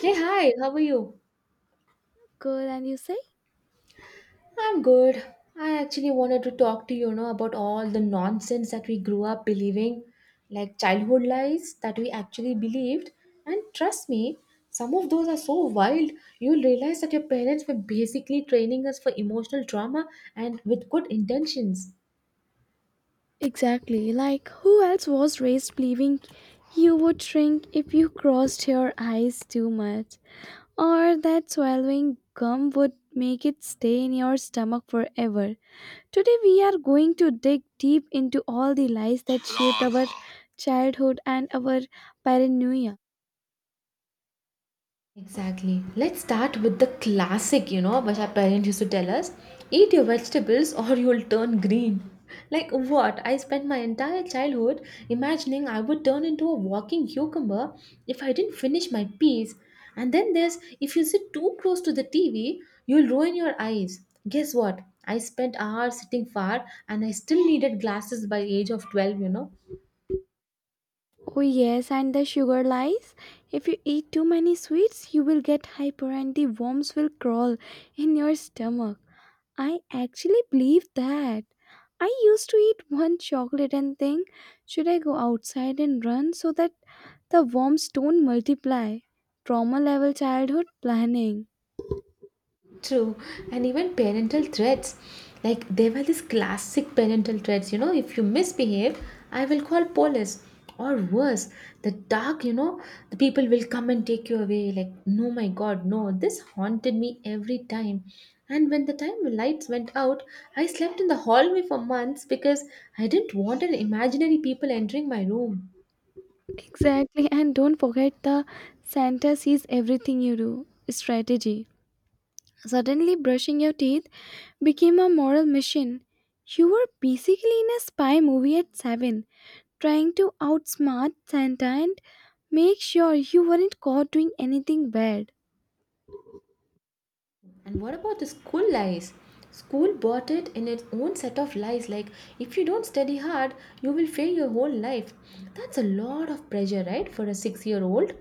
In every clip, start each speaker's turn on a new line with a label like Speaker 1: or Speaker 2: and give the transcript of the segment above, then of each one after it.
Speaker 1: Hey, hi, how are you?
Speaker 2: Girl, and you say,
Speaker 1: I'm good. I actually wanted to talk to you, you know, about all the nonsense that we grew up believing, like childhood lies that we actually believed. And trust me, some of those are so wild, you'll realize that your parents were basically training us for emotional trauma and with good intentions.
Speaker 2: exactly, like who else was raised believing you would shrink if you crossed your eyes too much, or that swallowing gum would make it stay in your stomach forever. Today we are going to dig deep into all the lies that shaped our childhood and our paranoia.
Speaker 1: Exactly. Let's start with the classic, you know, which our parents used to tell us, eat your vegetables or you'll turn green. Like, what? I spent my entire childhood imagining I would turn into a walking cucumber if I didn't finish my peas. And then there's, if you sit too close to the TV, you'll ruin your eyes. Guess what? I spent hours sitting far and I still needed glasses by the age of 12, you know.
Speaker 2: Oh yes, and the sugar lies. If you eat too many sweets you will get hyper and the worms will crawl in your stomach. I actually believe that. I used to eat one chocolate and think, should I go outside and run so that the worms don't multiply? Trauma level childhood planning.
Speaker 1: True, and even parental threats. Like there were these classic parental threats, you know, if you misbehave, I will call police. Or worse, the dark, you know, the people will come and take you away. Like, no, my God, no. This haunted me every time. And when the time the lights went out, I slept in the hallway for months because I didn't want an imaginary people entering my room.
Speaker 2: Exactly, and don't forget the Santa sees everything you do strategy. Suddenly, brushing your teeth became a moral mission. You were basically in a spy movie at 7 trying to outsmart Santa and make sure you weren't caught doing anything bad.
Speaker 1: And what about the school lies? School bought it in its own set of lies, like if you don't study hard, you will fail your whole life. That's a lot of pressure, right, for a 6 year old.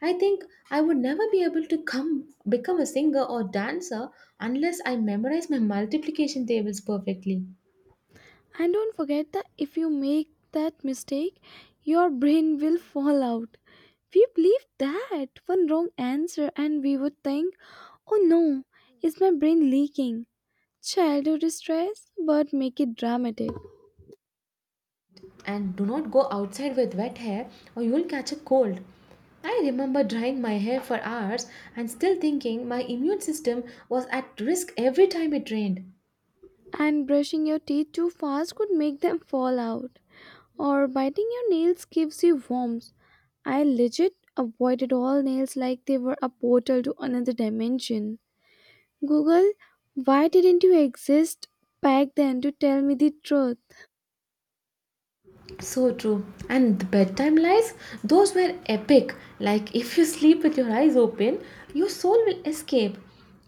Speaker 1: I think I would never be able to come become a singer or dancer unless I memorize my multiplication tables perfectly.
Speaker 2: And don't forget that if you make that mistake, your brain will fall out. We believe that one wrong answer and we would think, oh no, is my brain leaking? Childhood stress, but make it dramatic.
Speaker 1: And do not go outside with wet hair or you'll catch a cold. I remember drying my hair for hours and still thinking my immune system was at risk every time it rained.
Speaker 2: And brushing your teeth too fast could make them fall out. Or biting your nails gives you warmth. I legit avoided all nails like they were a portal to another dimension. Google, why didn't you exist back then to tell me the truth?
Speaker 1: So true. And the bedtime lies, those were epic. Like if you sleep with your eyes open, your soul will escape.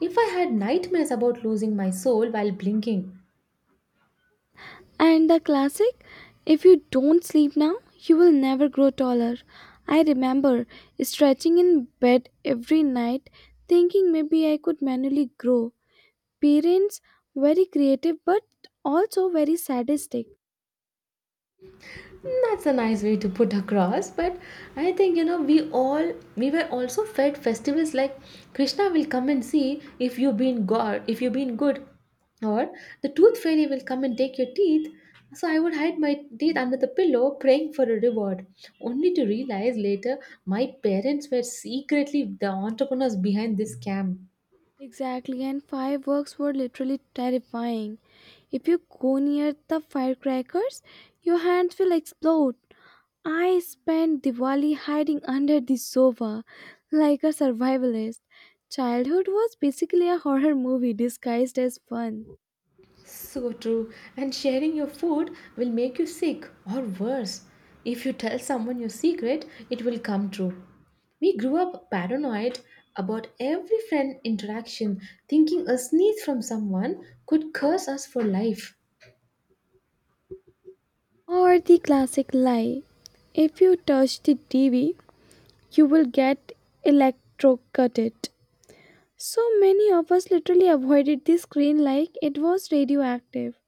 Speaker 1: If I had nightmares about losing my soul while blinking,
Speaker 2: And the classic, if you don't sleep now, you will never grow taller. I remember stretching in bed every night, thinking maybe I could manually grow. Parents, very creative but also very sadistic.
Speaker 1: That's a nice way to put across, but I think you know we were also fed festivals like Krishna will come and see if you've been God, if you've been good, or the tooth fairy will come and take your teeth. So I would hide my teeth under the pillow, praying for a reward, only to realize later my parents were secretly the entrepreneurs behind this scam.
Speaker 2: Exactly, and fireworks were literally terrifying. If you go near the firecrackers, your hands will explode. I spent Diwali hiding under the sofa like a survivalist. Childhood was basically a horror movie disguised as fun.
Speaker 1: So true. And sharing your food will make you sick or worse. If you tell someone your secret, it will come true. We grew up paranoid about every friend interaction, thinking a sneeze from someone could curse us for life.
Speaker 2: Or the classic lie, if you touch the TV, you will get electrocuted. So many of us literally avoided the screen like it was radioactive.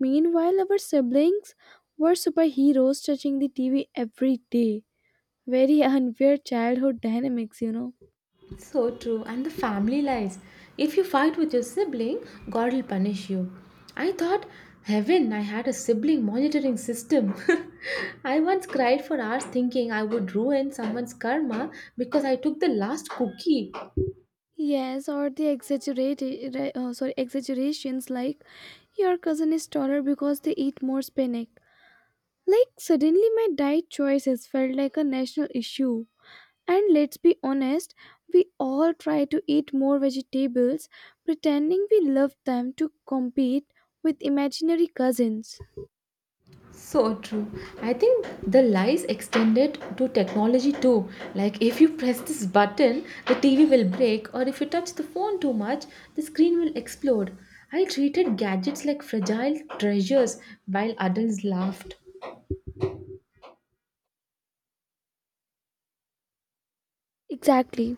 Speaker 2: Meanwhile, our siblings were superheroes touching the TV every day. Very unfair childhood dynamics, you know.
Speaker 1: So true. And the family lies. If you fight with your sibling, God will punish you. I thought, heaven, I had a sibling monitoring system. I once cried for hours thinking I would ruin someone's karma because I took the last cookie.
Speaker 2: Yes, or the exaggerated, sorry, exaggerations like your cousin is taller because they eat more spinach. Like suddenly, my diet choices felt like a national issue. And let's be honest, we all try to eat more vegetables, pretending we love them to compete with imaginary cousins.
Speaker 1: So true. I think the lies extended to technology too. Like if you press this button, the TV will break, or if you touch the phone too much, the screen will explode. I treated gadgets like fragile treasures while adults laughed.
Speaker 2: Exactly.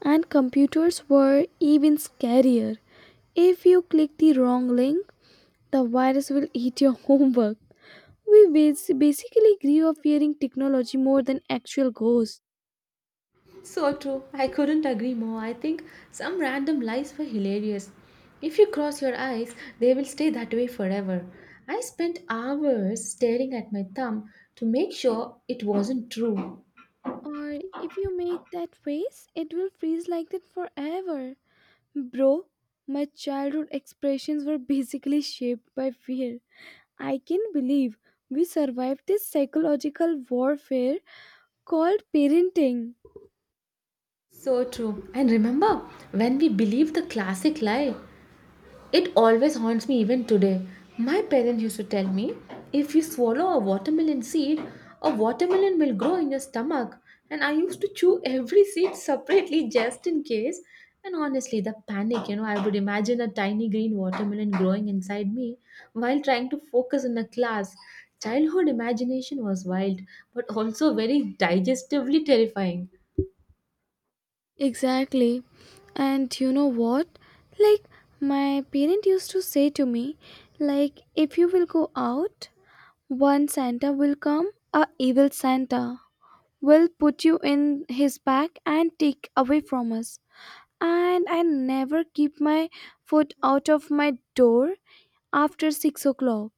Speaker 2: And computers were even scarier. If you click the wrong link, the virus will eat your homework. We basically grew up fearing technology more than actual ghosts.
Speaker 1: So true. I couldn't agree more. I think some random lies were hilarious. If you cross your eyes, they will stay that way forever. I spent hours staring at my thumb to make sure it wasn't true.
Speaker 2: Or if you make that face, it will freeze like that forever. Bro, my childhood expressions were basically shaped by fear. I can believe we survived this psychological warfare called parenting.
Speaker 1: So true. And remember, when we believe the classic lie, it always haunts me even today. My parents used to tell me, if you swallow a watermelon seed, a watermelon will grow in your stomach. And I used to chew every seed separately just in case. And honestly, the panic, you know, I would imagine a tiny green watermelon growing inside me while trying to focus in a class. Childhood imagination was wild, but also very digestively terrifying.
Speaker 2: Exactly. And you know what? Like, my parent used to say to me, like, if you will go out, one Santa will come, a evil Santa will put you in his bag and take away from us. And I never keep my foot out of my door after 6 o'clock.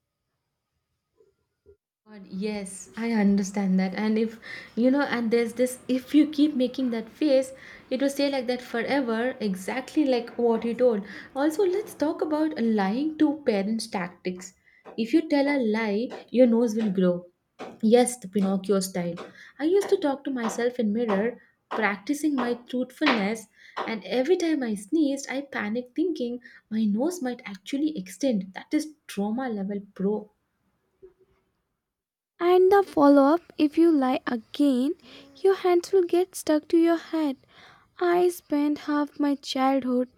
Speaker 1: God, yes, I understand that. And if you know, and there's this, if you keep making that face, it will stay like that forever, exactly like what you told. Also, let's talk about lying to parents' tactics. If you tell a lie, your nose will grow. Yes, the Pinocchio style. I used to talk to myself in mirror, practicing my truthfulness, and every time I sneezed, I panicked thinking my nose might actually extend. That is trauma level pro.
Speaker 2: And the follow up, if you lie again, your hands will get stuck to your head. I spent half my childhood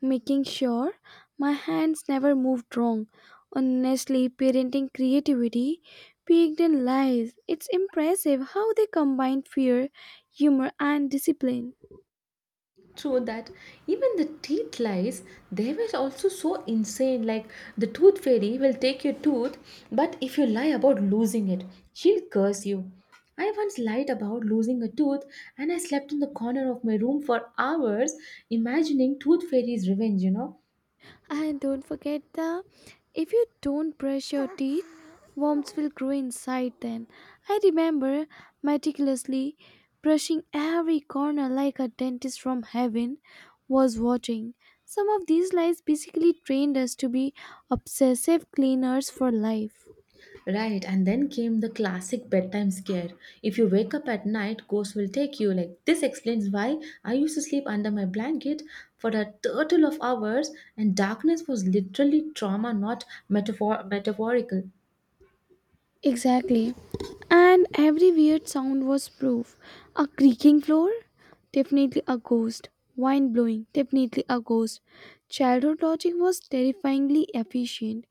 Speaker 2: making sure my hands never moved wrong. Honestly, parenting creativity peaked in lies. It's impressive how they combine fear, humor, and discipline.
Speaker 1: True that. Even the teeth lies, they were also so insane. Like the tooth fairy will take your tooth, but if you lie about losing it, she'll curse you. I once lied about losing a tooth and I slept in the corner of my room for hours imagining tooth fairy's revenge, you know.
Speaker 2: And don't forget the, if you don't brush your teeth, worms will grow inside them. I remember meticulously brushing every corner like a dentist from heaven was watching. Some of these lies basically trained us to be obsessive cleaners for life.
Speaker 1: Right, and then came the classic bedtime scare. If you wake up at night, ghosts will take you. Like, this explains why I used to sleep under my blanket for a total of hours, and darkness was literally trauma, not metaphorical.
Speaker 2: Exactly. And every weird sound was proof. A creaking floor? Definitely a ghost. Wind blowing? Definitely a ghost. Childhood logic was terrifyingly efficient.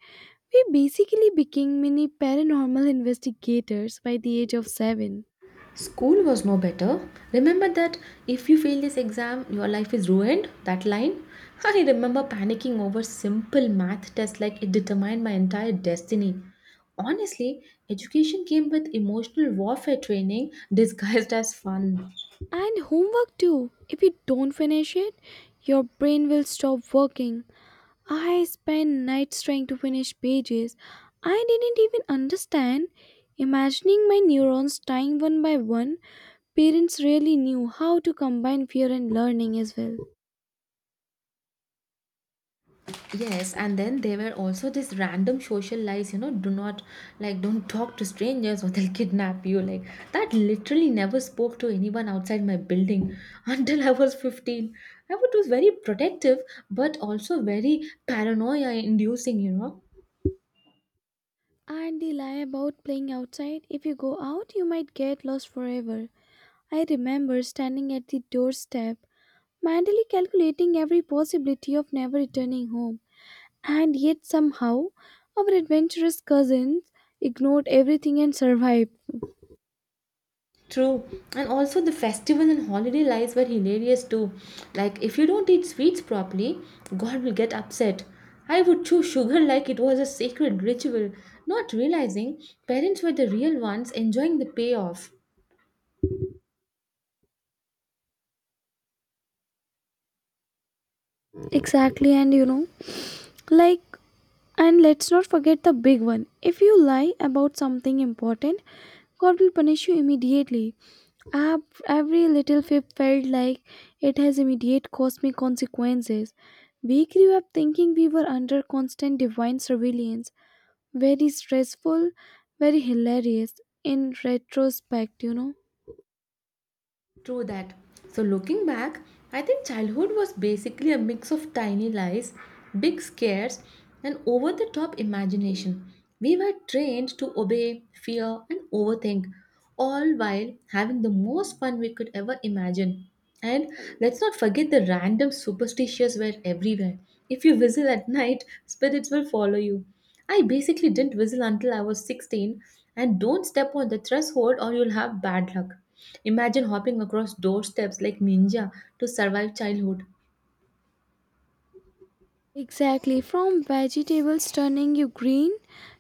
Speaker 2: We basically became mini paranormal investigators by the age of 7.
Speaker 1: School was no better. Remember that if you fail this exam, your life is ruined? That line? I remember panicking over simple math tests like it determined my entire destiny. Honestly, education came with emotional warfare training disguised as fun.
Speaker 2: And homework too. If you don't finish it, your brain will stop working. I spent nights trying to finish pages I didn't even understand, imagining my neurons dying one by one. Parents really knew how to combine fear and learning as well.
Speaker 1: Yes, and then there were also these random social lies, you know, do not like don't talk to strangers or they'll kidnap you. Like that literally never spoke to anyone outside my building until I was 15. I was very protective but also very paranoia inducing, you know.
Speaker 2: And the lie about playing outside, if you go out, you might get lost forever. I remember standing at the doorstep, mentally calculating every possibility of never returning home. And yet, somehow, our adventurous cousins ignored everything and survived.
Speaker 1: True, and also the festival and holiday lights were hilarious too. Like, if you don't eat sweets properly, God will get upset. I would chew sugar like it was a sacred ritual, not realizing parents were the real ones enjoying the payoff.
Speaker 2: Exactly, and you know, like, and let's not forget the big one. If you lie about something important, God will punish you immediately. Every little fib felt like it has immediate cosmic consequences. We grew up thinking we were under constant divine surveillance. Very stressful, very hilarious in retrospect, you know.
Speaker 1: True that. So, looking back, I think childhood was basically a mix of tiny lies, big scares, and over the top imagination. We were trained to obey, fear, and overthink, all while having the most fun we could ever imagine. And let's not forget the random superstitions were everywhere. If you whistle at night, spirits will follow you. I basically didn't whistle until I was 16, and don't step on the threshold or you'll have bad luck. Imagine hopping across doorsteps like ninja to survive childhood.
Speaker 2: Exactly, from vegetables turning you green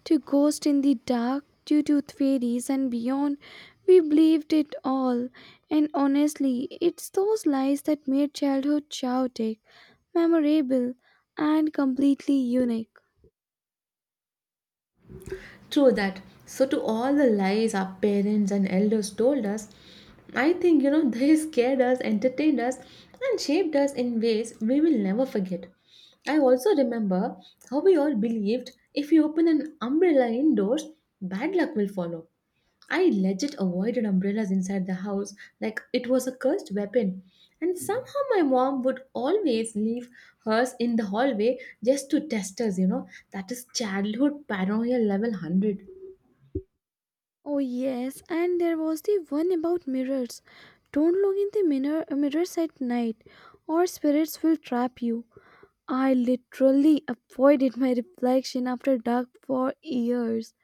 Speaker 2: to ghosts in the dark due to fairies and beyond, we believed it all. And honestly, it's those lies that made childhood chaotic, memorable, and completely unique.
Speaker 1: True that. So, to all the lies our parents and elders told us, I think you know they scared us, entertained us, and shaped us in ways we will never forget. I also remember how we all believed if you open an umbrella indoors, bad luck will follow. I legit avoided umbrellas inside the house like it was a cursed weapon. And somehow my mom would always leave hers in the hallway just to test us, you know. That is childhood paranoia level 100.
Speaker 2: Oh yes, and there was the one about mirrors. Don't look in the mirrors at night, or spirits will trap you. I literally avoided my reflection after dark for years.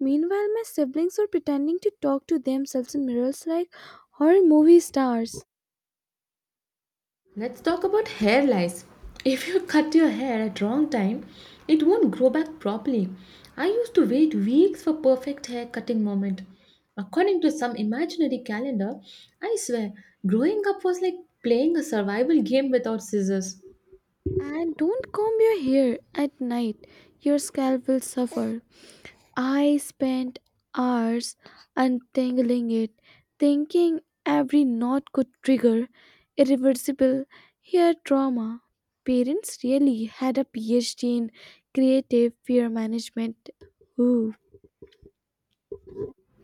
Speaker 2: Meanwhile, my siblings were pretending to talk to themselves in mirrors like horror movie stars.
Speaker 1: Let's talk about hair lice. If you cut your hair at wrong time, it won't grow back properly. I used to wait weeks for perfect hair cutting moment. According to some imaginary calendar, I swear, growing up was like playing a survival game without scissors.
Speaker 2: And don't comb your hair at night, your scalp will suffer. I spent hours untangling it, thinking every knot could trigger irreversible hair trauma. Parents really had a PhD in creative fear management. Ooh.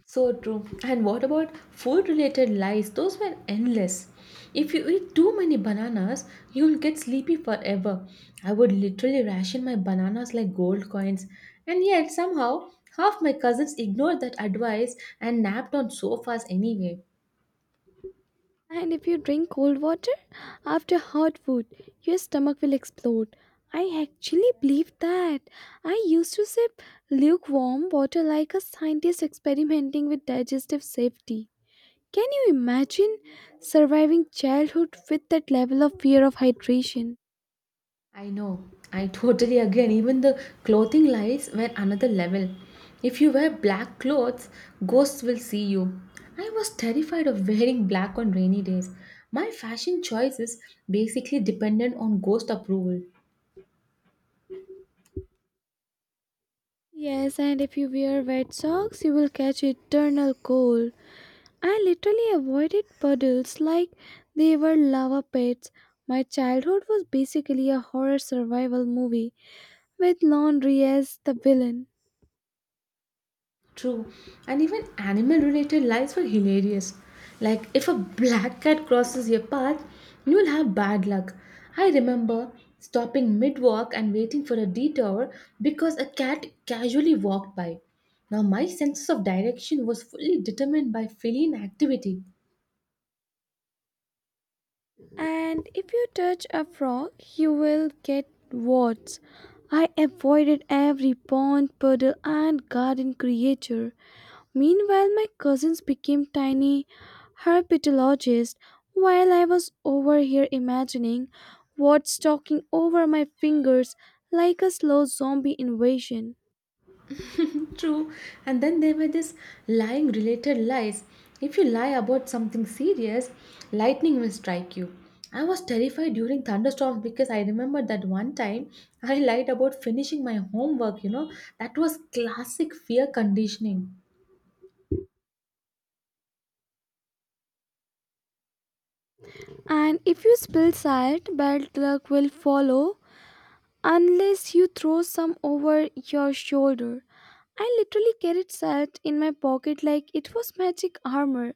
Speaker 1: So true. And what about food related lies? Those were endless. If you eat too many bananas, you'll get sleepy forever. I would literally ration my bananas like gold coins. And yet, somehow, half my cousins ignored that advice and napped on sofas anyway.
Speaker 2: And if you drink cold water after hot food, your stomach will explode. I actually believe that. I used to sip lukewarm water like a scientist experimenting with digestive safety. Can you imagine surviving childhood with that level of fear of hydration?
Speaker 1: I know, I totally agree. And even the clothing lies were another level. If you wear black clothes, ghosts will see you. I was terrified of wearing black on rainy days. My fashion choices basically depended on ghost approval.
Speaker 2: Yes, and if you wear wet socks, you will catch eternal cold. I literally avoided puddles like they were lava pits. My childhood was basically a horror survival movie with laundry as the villain.
Speaker 1: True. And even animal related lies were hilarious. Like if a black cat crosses your path, you will have bad luck. I remember stopping mid walk and waiting for a detour because a cat casually walked by. Now my sense of direction was fully determined by feline activity.
Speaker 2: And if you touch a frog, you will get warts. I avoided every pond, puddle, and garden creature. Meanwhile, my cousins became tiny herpetologists while I was over here imagining what's talking over my fingers like a slow zombie invasion.
Speaker 1: True. And then there were this lying related lies. If you lie about something serious, lightning will strike you. I was terrified during thunderstorms because I remember that one time I lied about finishing my homework, you know. That was classic fear conditioning.
Speaker 2: And if you spill salt, bad luck will follow unless you throw some over your shoulder. I literally carried salt in my pocket like it was magic armor.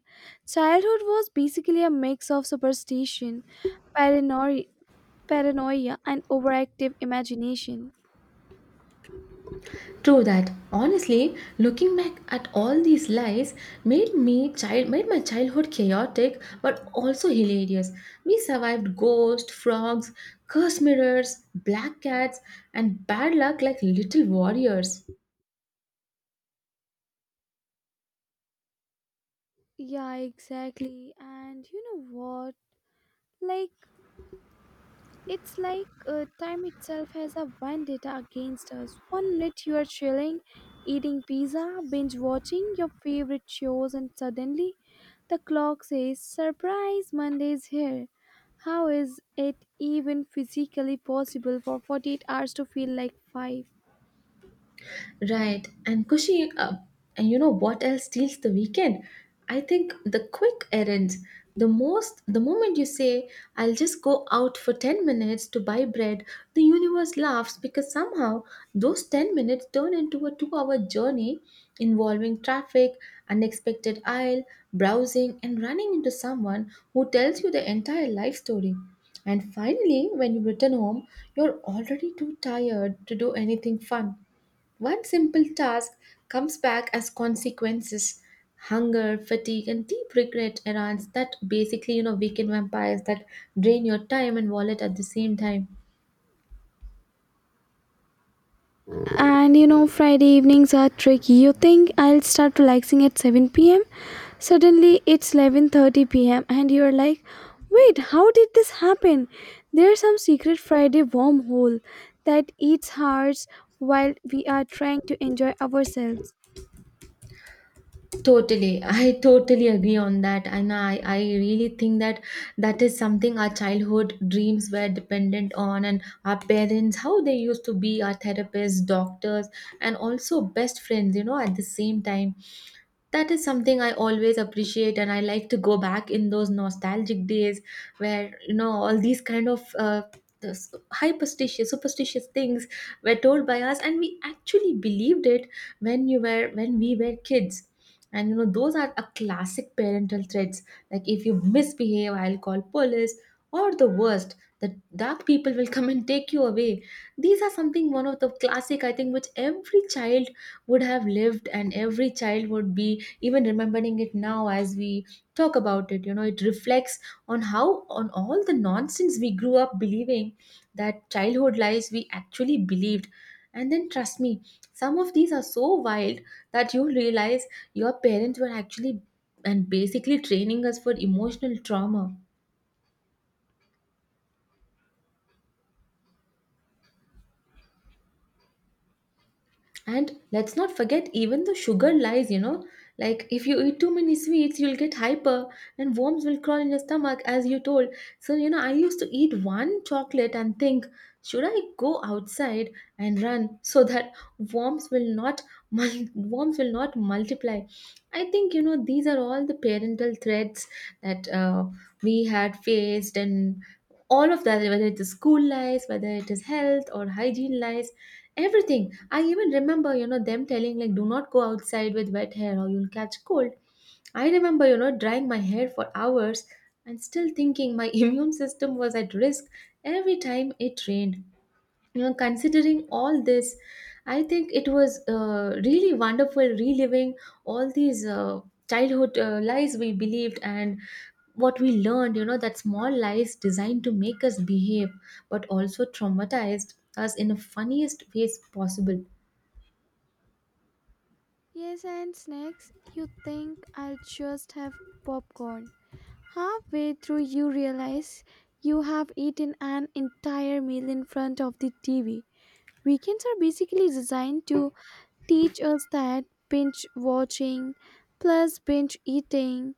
Speaker 2: Childhood was basically a mix of superstition, paranoia, paranoia, and overactive imagination.
Speaker 1: True that. Honestly, looking back at all these lies made my childhood chaotic but also hilarious. We survived ghosts, frogs, cursed mirrors, black cats, and bad luck like little warriors.
Speaker 2: Yeah, exactly. And you know what? Like, it's like time itself has a vendetta against us. One minute you are chilling, eating pizza, binge watching your favorite shows, and suddenly the clock says surprise, Monday is here. How is it even physically possible for 48 hours to feel like 5?
Speaker 1: Right. And Kushi, and you know what else steals the weekend? I think the quick errands. The moment you say, I'll just go out for 10 minutes to buy bread, the universe laughs because somehow those 10 minutes turn into a 2 hour journey involving traffic, unexpected aisle, browsing, and running into someone who tells you the entire life story. And finally, when you return home, you're already too tired to do anything fun. One simple task comes back as consequences, hunger, fatigue, and deep regret, errands that basically, you know, weekend vampires that drain your time and wallet at the same time.
Speaker 2: And you know, Friday evenings are tricky. You think I'll start relaxing at 7 p.m.? Suddenly it's 11:30 p.m. and you're like, "Wait, how did this happen?" There's some secret Friday wormhole that eats hearts while we are trying to enjoy ourselves.
Speaker 1: Totally. I totally agree on that. And I really think that is something our childhood dreams were dependent on, and our parents, how they used to be our therapists, doctors, and also best friends, you know, at the same time. That is something I always appreciate and I like to go back in those nostalgic days where you know all these kind of those hyperstitious superstitious things were told by us and we actually believed it when you were when we were kids. And you know those are a classic parental threats, like if you misbehave I'll call police, or the worst, the dark people will come and take you away. These are something, one of the classic, I think, which every child would have lived, and every child would be even remembering it now. As we talk about it, you know, it reflects on how, on all the nonsense we grew up believing, that childhood lies we actually believed. And then trust me, some of these are so wild that you realize your parents were actually and basically training us for emotional trauma. And let's not forget, even the sugar lies, you know. Like, if you eat too many sweets, you'll get hyper and worms will crawl in your stomach, as you told. So, you know, I used to eat one chocolate and think, should I go outside and run so that worms will not worms will not multiply? I think, you know, these are all the parental threats that we had faced, and all of that, whether it is school lies, whether it is health or hygiene lies, everything. I even remember, you know, them telling, like do not go outside with wet hair or you'll catch cold. I remember, you know, drying my hair for hours and still thinking my immune system was at risk every time it rained. You know, considering all this, I think it was really wonderful reliving all these childhood lies we believed and what we learned, you know, that small lies designed to make us behave but also traumatized us in the funniest ways possible.
Speaker 2: Yes, and snacks. You think I'll just have popcorn. Halfway through you realize you have eaten an entire meal in front of the TV. Weekends are basically designed to teach us that binge watching plus binge eating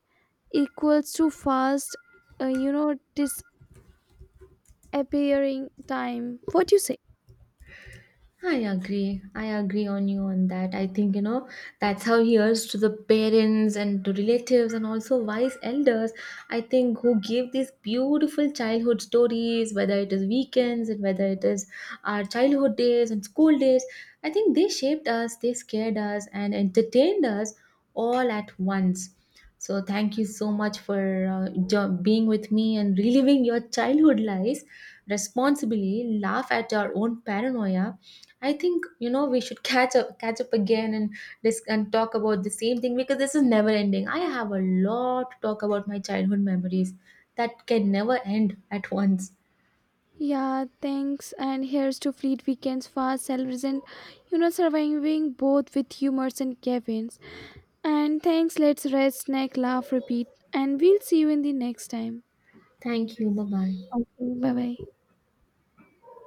Speaker 2: equals to fast, uh, you know, disappearing time. What do you say?
Speaker 1: I agree. I agree on you on that. I think, you know, that's how, here's to the parents and to relatives and also wise elders, I think, who give these beautiful childhood stories, whether it is weekends and whether it is our childhood days and school days. I think they shaped us, they scared us, and entertained us all at once. So, thank you so much for being with me and reliving your childhood lives responsibly, laugh at your own paranoia. I think you know we should catch up again, and and talk about the same thing because this is never ending. I have a lot to talk about my childhood memories that can never end at once.
Speaker 2: Yeah, thanks. And here's to Fleet Weekends, Fast Salaries, and surviving both with humors and cabins. And thanks, let's rest, snack, laugh, repeat. And we'll see you in the next time.
Speaker 1: Thank you. Bye bye.
Speaker 2: Okay, bye bye.